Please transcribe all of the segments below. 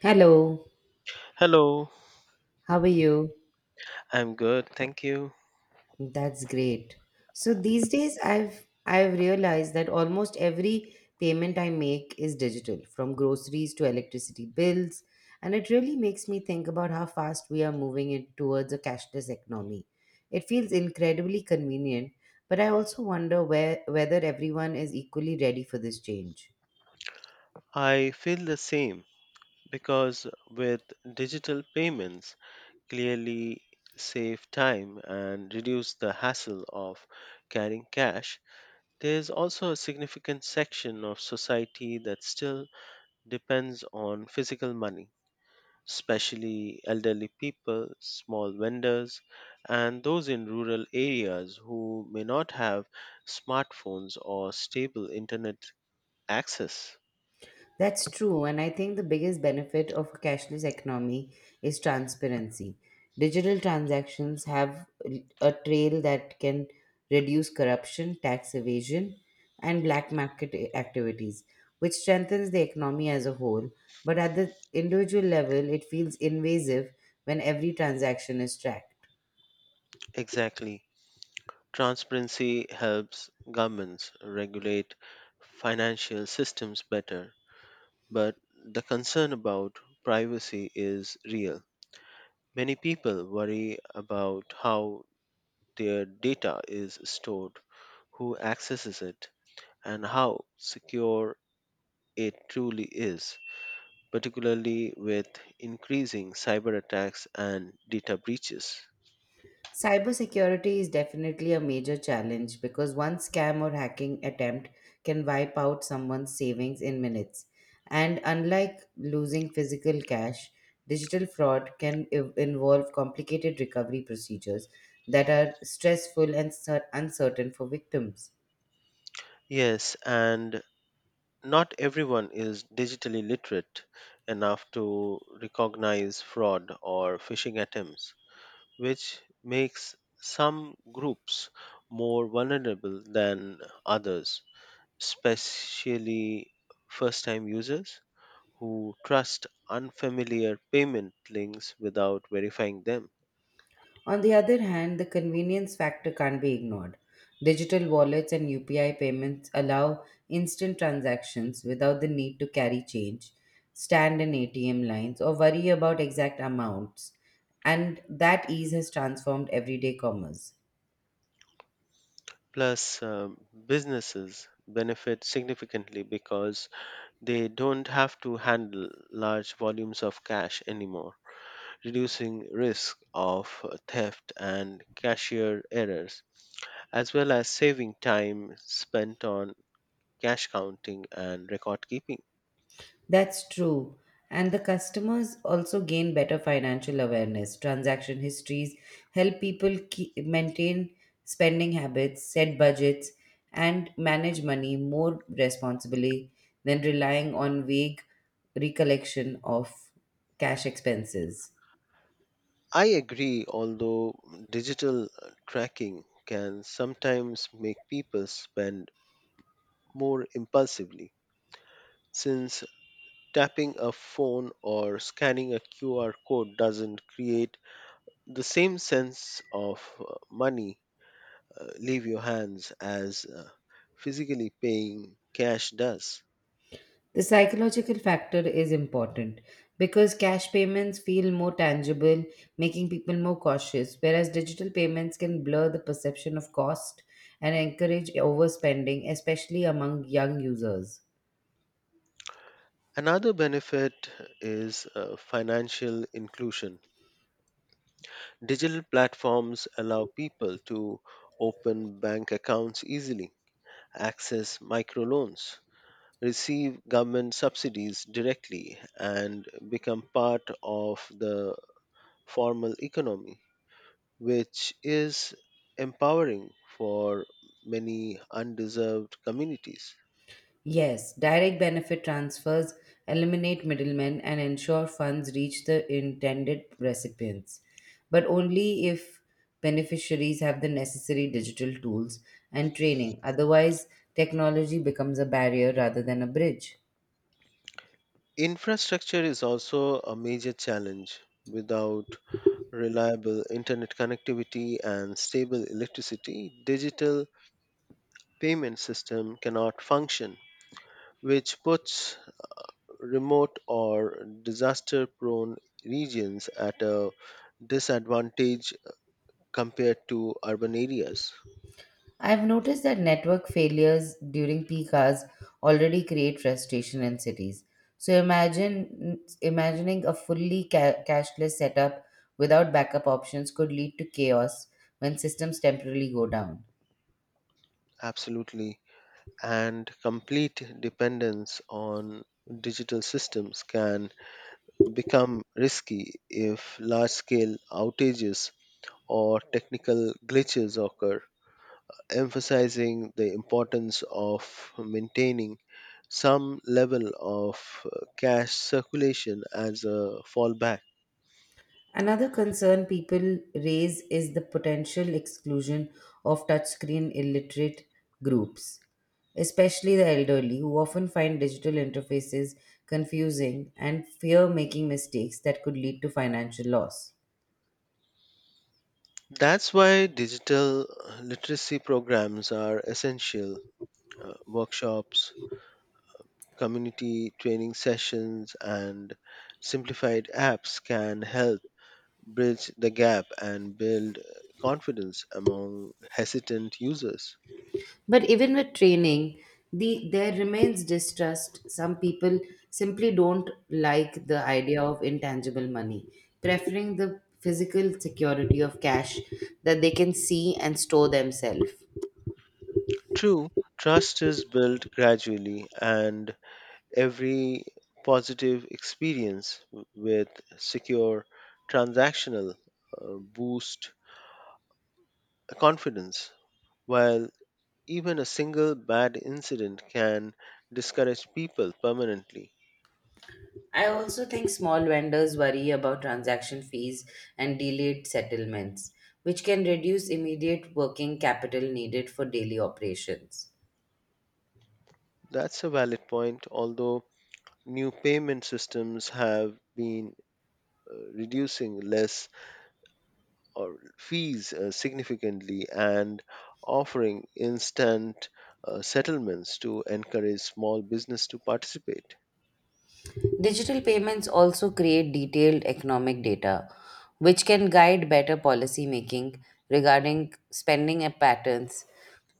Hello, Hello, how are you? I'm good, thank you. That's great. So these days I've realized that almost every payment I make is digital, from groceries to electricity bills, and it really makes me think about how fast we are moving it towards a cashless economy. It feels incredibly convenient, but I also wonder whether everyone is equally ready for this change. I feel the same because with digital payments, clearly save time and reduce the hassle of carrying cash. There's also a significant section of society that still depends on physical money, especially elderly people, small vendors, and those in rural areas who may not have smartphones or stable internet access. That's true, and I think the biggest benefit of a cashless economy is transparency. Digital transactions have a trail that can reduce corruption, tax evasion, and black market activities, which strengthens the economy as a whole. But at the individual level, it feels invasive when every transaction is tracked. Exactly. Transparency helps governments regulate financial systems better, but the concern about privacy is real. Many people worry about how their data is stored, who accesses it, and how secure it truly is, particularly with increasing cyber attacks and data breaches. Cybersecurity is definitely a major challenge because one scam or hacking attempt can wipe out someone's savings in minutes. And unlike losing physical cash, digital fraud can involve complicated recovery procedures that are stressful and uncertain for victims. Yes, and not everyone is digitally literate enough to recognize fraud or phishing attempts, which makes some groups more vulnerable than others, especially first time users who trust unfamiliar payment links without verifying them. On the other hand, the convenience factor can't be ignored. Digital wallets and UPI payments allow instant transactions without the need to carry change, stand in ATM lines, or worry about exact amounts, and that ease has transformed everyday commerce. Plus, businesses benefit significantly because they don't have to handle large volumes of cash anymore, reducing risk of theft and cashier errors, as well as saving time spent on cash counting and record keeping. That's true. And the customers also gain better financial awareness. Transaction histories help people maintain spending habits, set budgets, and manage money more responsibly than relying on vague recollection of cash expenses. I agree, although digital tracking can sometimes make people spend more impulsively, since tapping a phone or scanning a QR code doesn't create the same sense of money leave your hands as physically paying cash does. The psychological factor is important because cash payments feel more tangible, making people more cautious, whereas digital payments can blur the perception of cost and encourage overspending, especially among young users. Another benefit is financial inclusion. Digital platforms allow people to open bank accounts easily, access microloans, receive government subsidies directly, and become part of the formal economy, which is empowering for many undeserved communities. Yes, direct benefit transfers eliminate middlemen and ensure funds reach the intended recipients, but only if beneficiaries have the necessary digital tools and training. Otherwise, technology becomes a barrier rather than a bridge. Infrastructure is also a major challenge. Without reliable internet connectivity and stable electricity, digital payment system cannot function, which puts remote or disaster prone regions at a disadvantage compared to urban areas. I've noticed that network failures during peak hours already create frustration in cities. So imagine imagining a fully cashless setup without backup options could lead to chaos when systems temporarily go down. Absolutely. And complete dependence on digital systems can become risky if large scale outages or technical glitches occur, emphasizing the importance of maintaining some level of cash circulation as a fallback. Another concern people raise is the potential exclusion of touchscreen illiterate groups, especially the elderly, who often find digital interfaces confusing and fear making mistakes that could lead to financial loss. That's why digital literacy programs are essential. Workshops, community training sessions, and simplified apps can help bridge the gap and build confidence among hesitant users. But even with training, there remains distrust. Some people simply don't like the idea of intangible money, preferring the physical security of cash that they can see and store themselves. True, trust is built gradually, and every positive experience with secure transactional boost confidence, while even a single bad incident can discourage people permanently. I also think small vendors worry about transaction fees and delayed settlements, which can reduce immediate working capital needed for daily operations. That's a valid point, although new payment systems have been reducing less or fees significantly and offering instant settlements to encourage small business to participate. Digital payments also create detailed economic data, which can guide better policy making regarding spending patterns,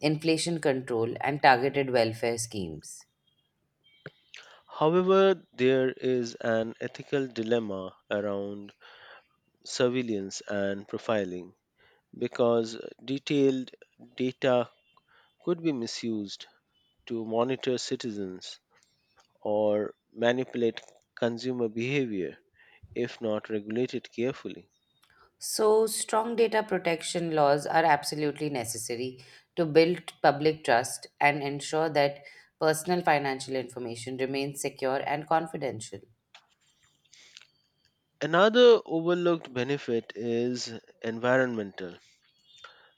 inflation control, and targeted welfare schemes. However, there is an ethical dilemma around surveillance and profiling because detailed data could be misused to monitor citizens or manipulate consumer behavior if not regulated carefully. So, strong data protection laws are absolutely necessary to build public trust and ensure that personal financial information remains secure and confidential. Another overlooked benefit is environmental.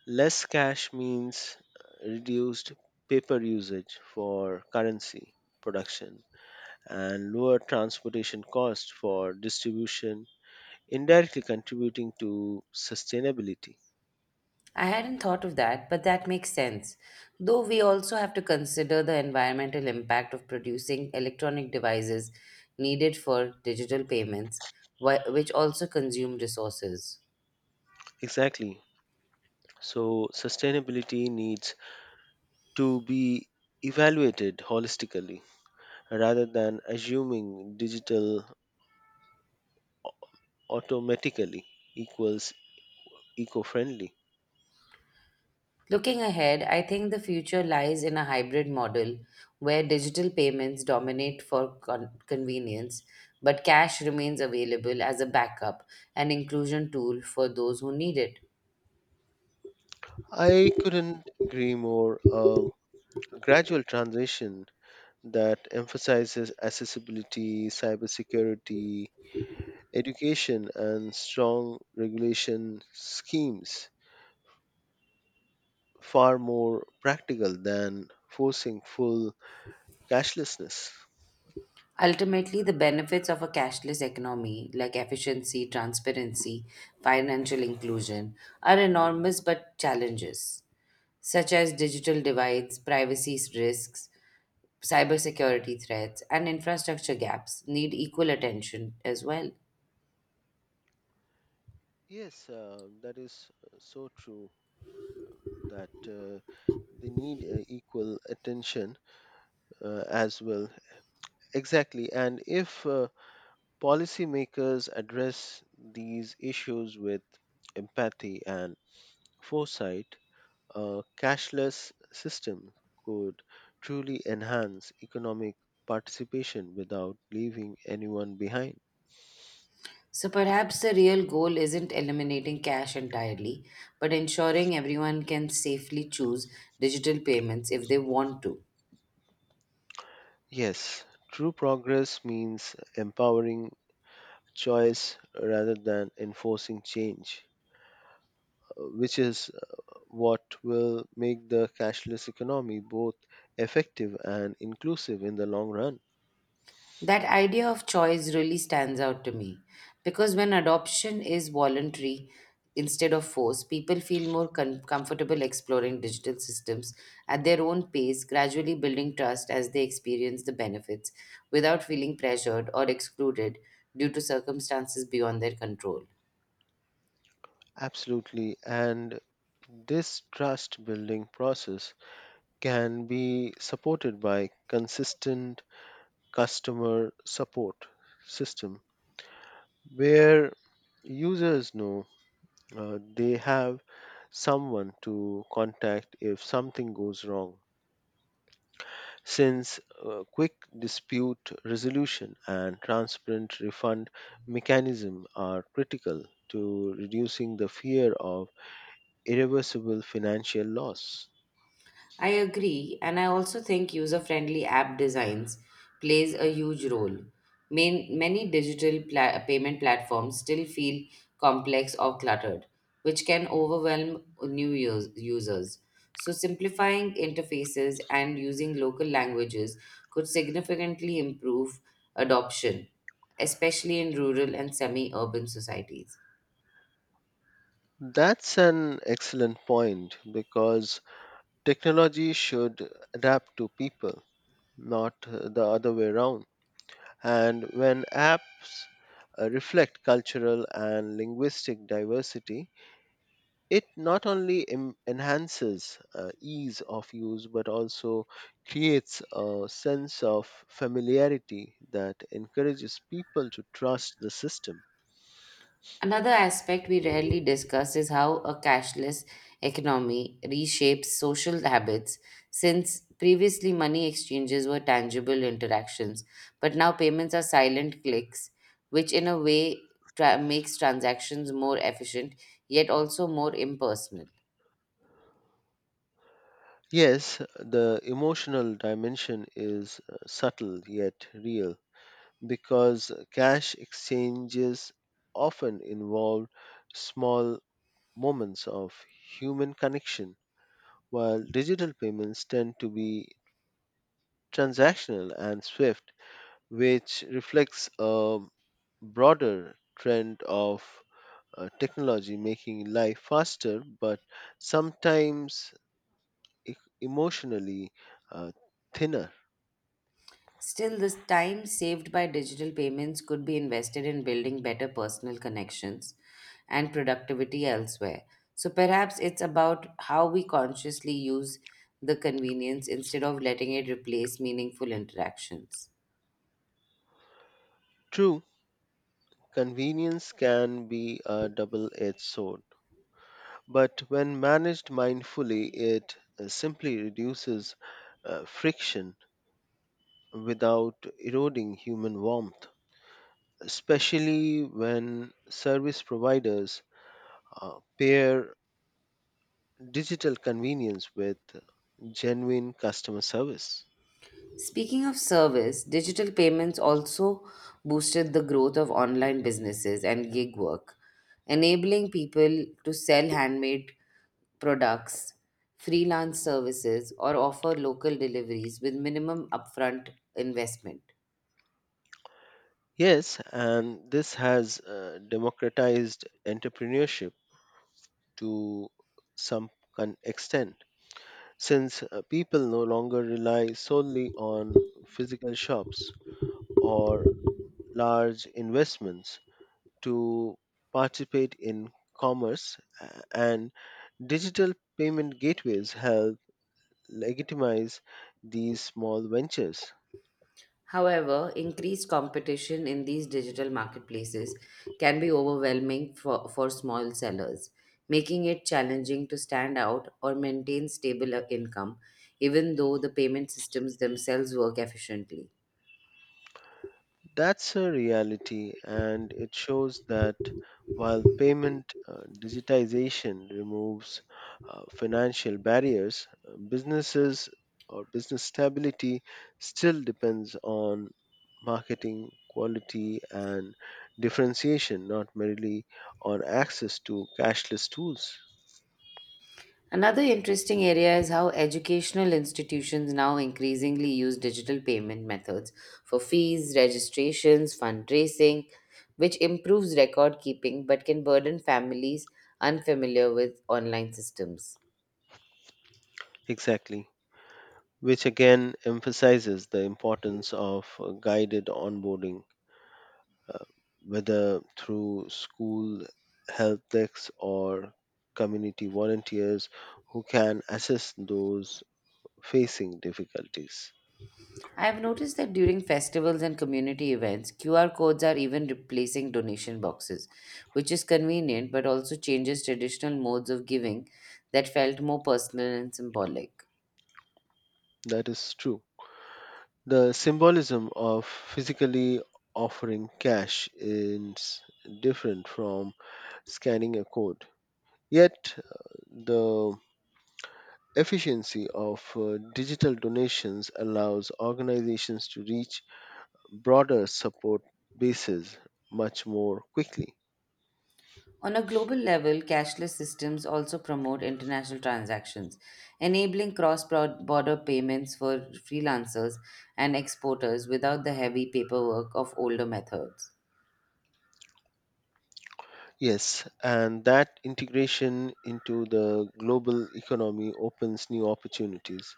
Less cash means reduced paper usage for currency production and lower transportation costs for distribution, indirectly contributing to sustainability. I hadn't thought of that, but that makes sense. Though we also have to consider the environmental impact of producing electronic devices needed for digital payments, which also consume resources. Exactly. So, sustainability needs to be evaluated holistically rather than assuming digital automatically equals eco friendly. Looking ahead, I think the future lies in a hybrid model where digital payments dominate for convenience, but cash remains available as a backup and inclusion tool for those who need it. I couldn't agree more. A gradual transition that emphasizes accessibility, cybersecurity, education, and strong regulation schemes far more practical than forcing full cashlessness. Ultimately, the benefits of a cashless economy, like efficiency, transparency, financial inclusion, are enormous but challenges, such as digital divides, privacy risks, cybersecurity threats, and infrastructure gaps, need equal attention as well. Yes, that is so true that they need equal attention as well. Exactly. And if policymakers address these issues with empathy and foresight. A cashless system could truly enhance economic participation without leaving anyone behind. So perhaps the real goal isn't eliminating cash entirely, but ensuring everyone can safely choose digital payments if they want to. Yes, true progress means empowering choice rather than enforcing change, which is what will make the cashless economy both effective and inclusive in the long run. That idea of choice really stands out to me because when adoption is voluntary instead of forced, people feel more comfortable exploring digital systems at their own pace, gradually building trust as they experience the benefits without feeling pressured or excluded due to circumstances beyond their control. Absolutely. And this trust building process can be supported by consistent customer support system where users know they have someone to contact if something goes wrong since quick dispute resolution and transparent refund mechanism are critical to reducing the fear of irreversible financial loss. I agree, and I also think user-friendly app designs plays a huge role. Many digital payment platforms still feel complex or cluttered, which can overwhelm new users. So simplifying interfaces and using local languages could significantly improve adoption, especially in rural and semi-urban societies. That's an excellent point because technology should adapt to people, not the other way around. And when apps reflect cultural and linguistic diversity, it not only enhances ease of use but also creates a sense of familiarity that encourages people to trust the system. Another aspect we rarely discuss is how a cashless economy reshapes social habits, since previously money exchanges were tangible interactions, but now payments are silent clicks, which in a way makes transactions more efficient yet also more impersonal. Yes, the emotional dimension is subtle yet real because cash exchanges often involve small moments of human connection, while digital payments tend to be transactional and swift, which reflects a broader trend of technology making life faster but sometimes e- emotionally uh, thinner. Still, the time saved by digital payments could be invested in building better personal connections and productivity elsewhere. So perhaps it's about how we consciously use the convenience instead of letting it replace meaningful interactions. True, convenience can be a double edged sword, but when managed mindfully, it simply reduces friction without eroding human warmth, especially when service providers pair digital convenience with genuine customer service. Speaking of service, digital payments also boosted the growth of online businesses and gig work, enabling people to sell handmade products, freelance services, or offer local deliveries with minimum upfront investment. Yes, and this has democratized entrepreneurship to some extent since people no longer rely solely on physical shops or large investments to participate in commerce and digital payment gateways help legitimize these small ventures. However, increased competition in these digital marketplaces can be overwhelming for small sellers, making it challenging to stand out or maintain stable income, even though the payment systems themselves work efficiently. That's a reality, and it shows that while payment digitization removes financial barriers, businesses or business stability still depends on marketing quality and differentiation, not merely on access to cashless tools. Another interesting area is how educational institutions now increasingly use digital payment methods for fees, registrations, fundraising, which improves record keeping but can burden families unfamiliar with online systems. Exactly, which again emphasizes the importance of guided onboarding uh, whether through school help desks or community volunteers who can assist those facing difficulties. I have noticed that during festivals and community events, QR codes are even replacing donation boxes, which is convenient but also changes traditional modes of giving that felt more personal and symbolic. That is true. The symbolism of physically offering cash is different from scanning a code. Yet, the efficiency of digital donations allows organizations to reach broader support bases much more quickly. On a global level, cashless systems also promote international transactions, enabling cross border payments for freelancers and exporters without the heavy paperwork of older methods. Yes, and that integration into the global economy opens new opportunities,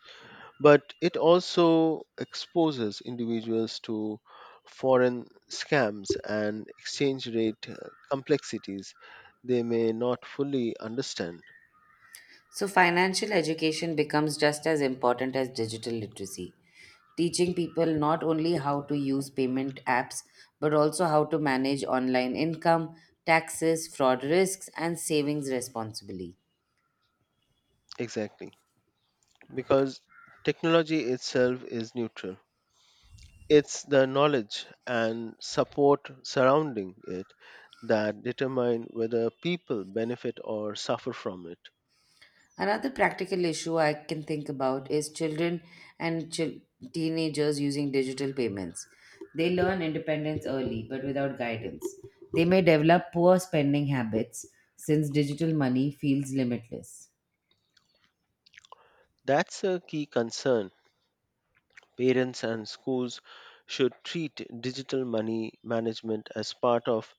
but it also exposes individuals to foreign scams and exchange rate complexities they may not fully understand. So, financial education becomes just as important as digital literacy, teaching people not only how to use payment apps, but also how to manage online income, taxes, fraud risks, and savings responsibly. Exactly, because technology itself is neutral. It's the knowledge and support surrounding it that determine whether people benefit or suffer from it. Another practical issue I can think about is children and teenagers using digital payments. They learn independence early, but without guidance. They may develop poor spending habits since digital money feels limitless. That's a key concern. Parents and schools should treat digital money management as part of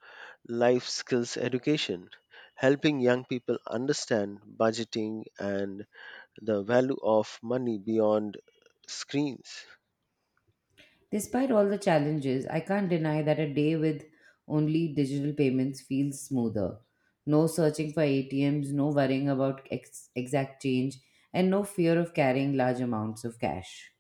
life skills education, helping young people understand budgeting and the value of money beyond screens. Despite all the challenges, I can't deny that a day with only digital payments feels smoother. No searching for ATMs, no worrying about exact change, and no fear of carrying large amounts of cash.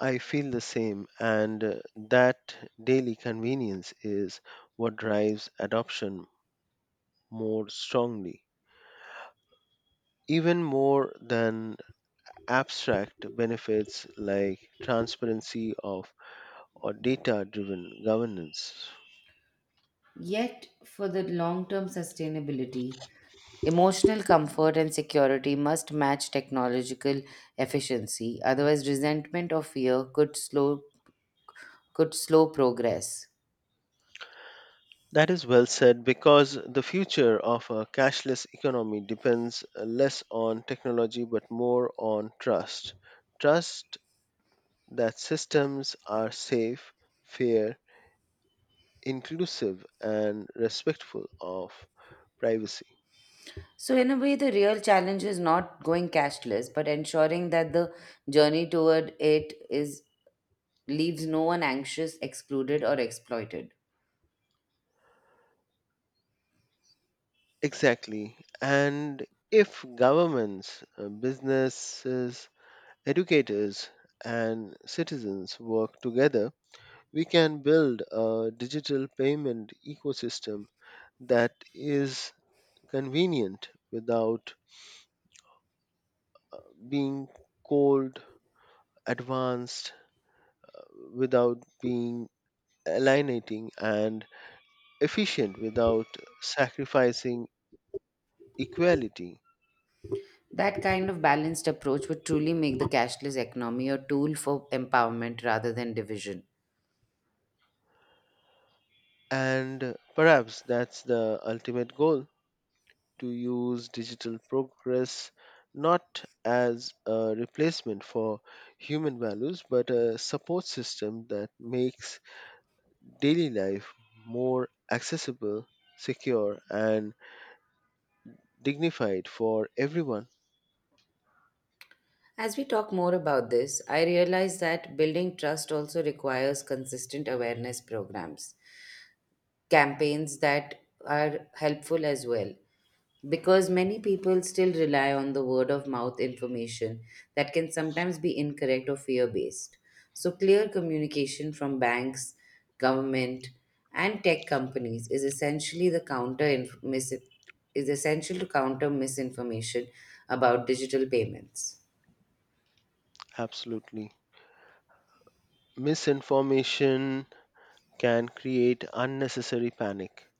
I feel the same, and that daily convenience is what drives adoption more strongly, even more than abstract benefits like transparency of or data driven governance. Yet, for the long term sustainability, emotional comfort and security must match technological efficiency, otherwise, resentment or fear could slow progress. That is well said because the future of a cashless economy depends less on technology but more on trust. Trust that systems are safe, fair, inclusive, and respectful of privacy. So, in a way, the real challenge is not going cashless, but ensuring that the journey toward it is leaves no one anxious, excluded, or exploited. Exactly. And if governments, businesses, educators, and citizens work together, we can build a digital payment ecosystem that is convenient without being cold, advanced, without being alienating, and efficient without sacrificing equality. That kind of balanced approach would truly make the cashless economy a tool for empowerment rather than division. And perhaps that's the ultimate goal, to use digital progress not as a replacement for human values but a support system that makes daily life more accessible, secure, and dignified for everyone. As we talk more about this, I realize that building trust also requires consistent awareness programs, campaigns that are helpful as well, because many people still rely on the word of mouth information that can sometimes be incorrect or fear based. So, clear communication from banks, government, and tech companies is essential to counter misinformation about digital payments. Absolutely. Misinformation can create unnecessary panic,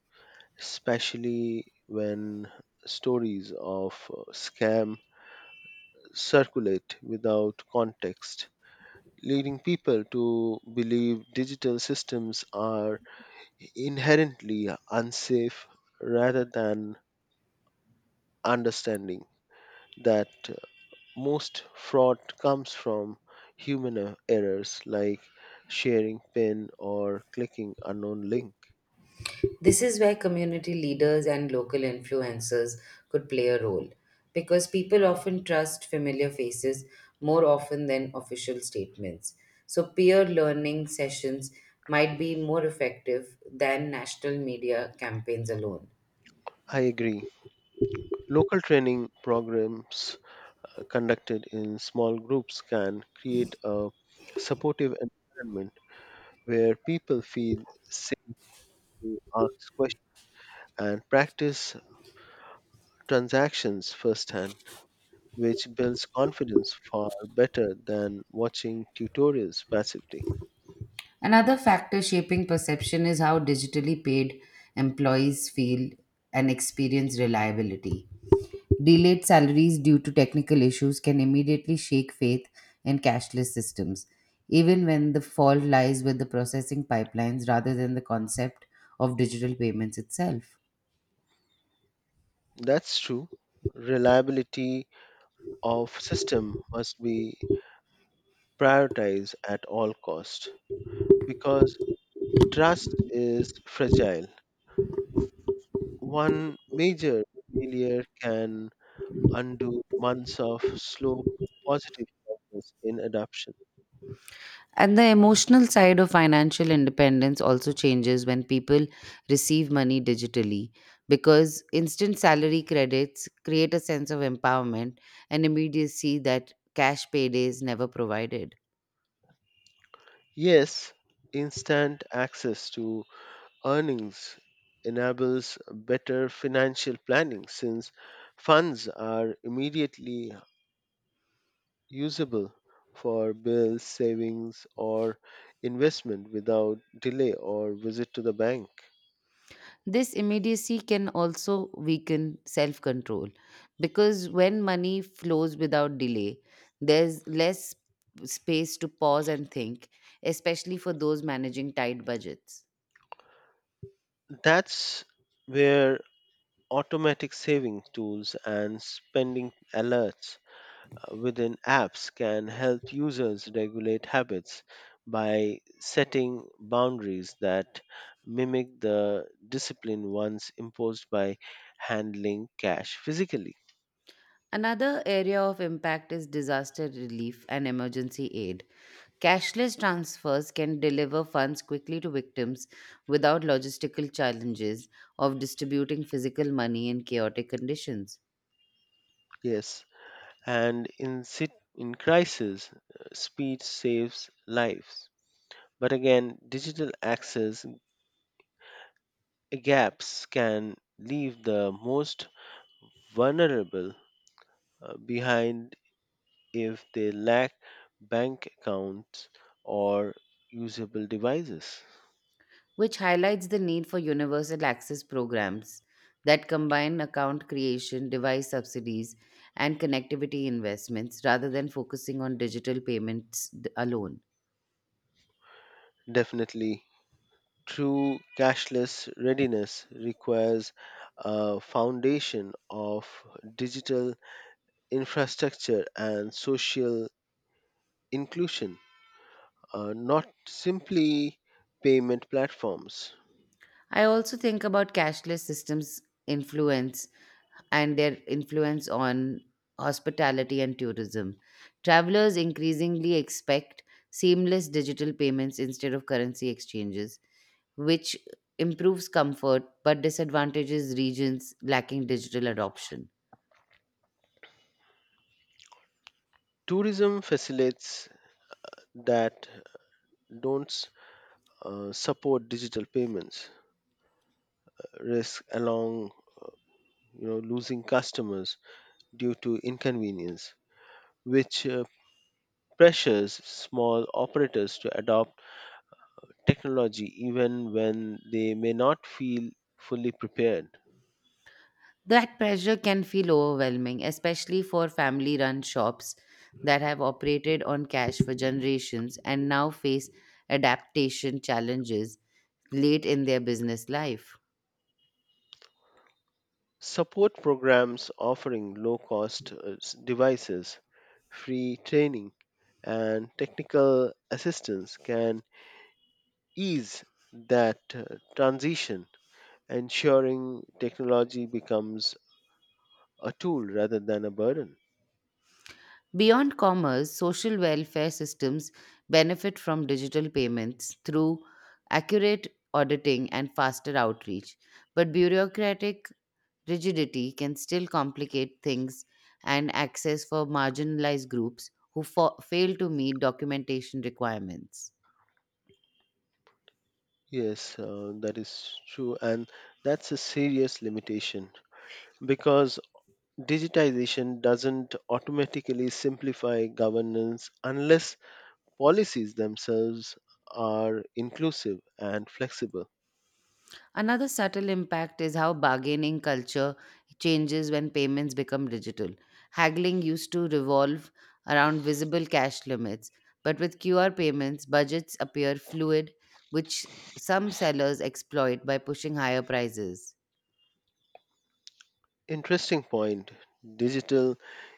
especially when stories of scam circulate without context leading people to believe digital systems are inherently unsafe rather than understanding that most fraud comes from human errors like sharing pin or clicking unknown link. This is where community leaders and local influencers could play a role because people often trust familiar faces more often than official statements. So, peer learning sessions might be more effective than national media campaigns alone. I agree. Local training programs conducted in small groups can create a supportive environment where people feel safe to ask questions and practice transactions firsthand, which builds confidence far better than watching tutorials passively. Another factor shaping perception is how digitally paid employees feel and experience reliability. Delayed salaries due to technical issues can immediately shake faith in cashless systems, even when the fault lies with the processing pipelines rather than the concept of digital payments itself. That's true. Reliability of system must be prioritized at all cost because trust is fragile. One major failure can undo months of slow positive progress in adoption. And the emotional side of financial independence also changes when people receive money digitally because instant salary credits create a sense of empowerment and immediacy that cash paydays never provided. Yes, instant access to earnings enables better financial planning since funds are immediately usable for bills, savings, or investment without delay or visit to the bank. This immediacy can also weaken self control because when money flows without delay, there's less space to pause and think, especially for those managing tight budgets. That's where automatic saving tools and spending alerts within apps can help users regulate habits by setting boundaries that mimic the discipline once imposed by handling cash physically. Another area of impact is disaster relief and emergency aid. Cashless transfers can deliver funds quickly to victims without logistical challenges of distributing physical money in chaotic conditions, Yes, and in crisis, speed saves lives. But again, digital access gaps can leave the most vulnerable behind if they lack bank accounts or usable devices. which highlights the need for universal access programs that combine account creation, device subsidies, and connectivity investments rather than focusing on digital payments alone. Definitely, true cashless readiness requires a foundation of digital infrastructure and social inclusion, not simply payment platforms. I also think about cashless systems influence influence on hospitality and tourism. Travelers increasingly expect seamless digital payments instead of currency exchanges, which improves comfort but disadvantages regions lacking digital adoption. Tourism facilitates that don't support digital payments risk along losing customers due to inconvenience, which pressures small operators to adopt technology even when they may not feel fully prepared. That pressure can feel overwhelming, especially for family run shops that have operated on cash for generations and now face adaptation challenges late in their business life. Support programs offering low cost devices, free training, and technical assistance can ease that transition, ensuring technology becomes a tool rather than a burden. Beyond commerce, social welfare systems benefit from digital payments through accurate auditing and faster outreach, but bureaucratic rigidity can still complicate things and access for marginalized groups who fail to meet documentation requirements. Yes, that is true, and that's a serious limitation because digitization doesn't automatically simplify governance unless policies themselves are inclusive and flexible. Another subtle impact is how bargaining culture changes when payments become digital. Haggling used to revolve around visible cash limits, but with QR payments, budgets appear fluid, which some sellers exploit by pushing higher prices. Interesting point, digital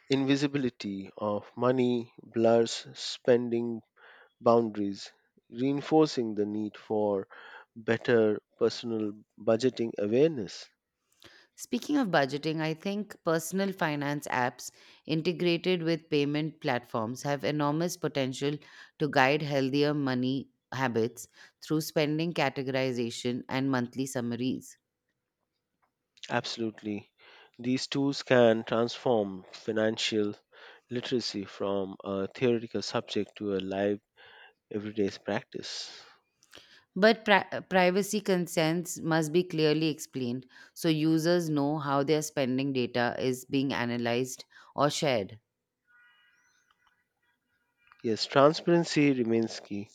invisibility of money blurs spending boundaries, reinforcing the need for better personal budgeting awareness. Speaking of budgeting, I think personal finance apps integrated with payment platforms have enormous potential to guide healthier money habits through spending categorization and monthly summaries. Absolutely. These tools can transform financial literacy from a theoretical subject to a live, everyday practice. But privacy concerns must be clearly explained so users know how their spending data is being analyzed or shared. Yes, transparency remains key.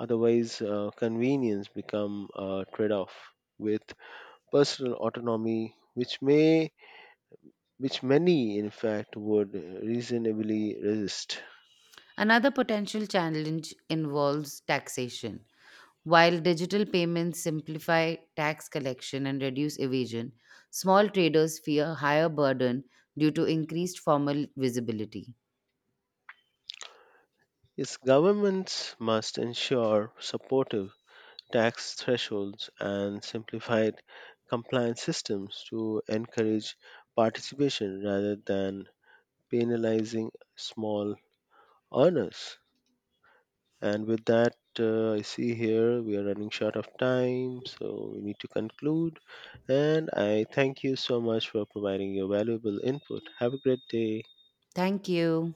Otherwise, convenience become a trade-off with personal autonomy, which many, in fact, would reasonably resist. Another potential challenge involves taxation. While digital payments simplify tax collection and reduce evasion, small traders fear higher burden due to increased formal visibility. Yes, governments must ensure supportive tax thresholds, and simplified compliance systems to encourage participation rather than penalizing small earners. And with that, I see here we are running short of time, so we need to conclude. And I thank you so much for providing your valuable input. Have a great day. Thank you.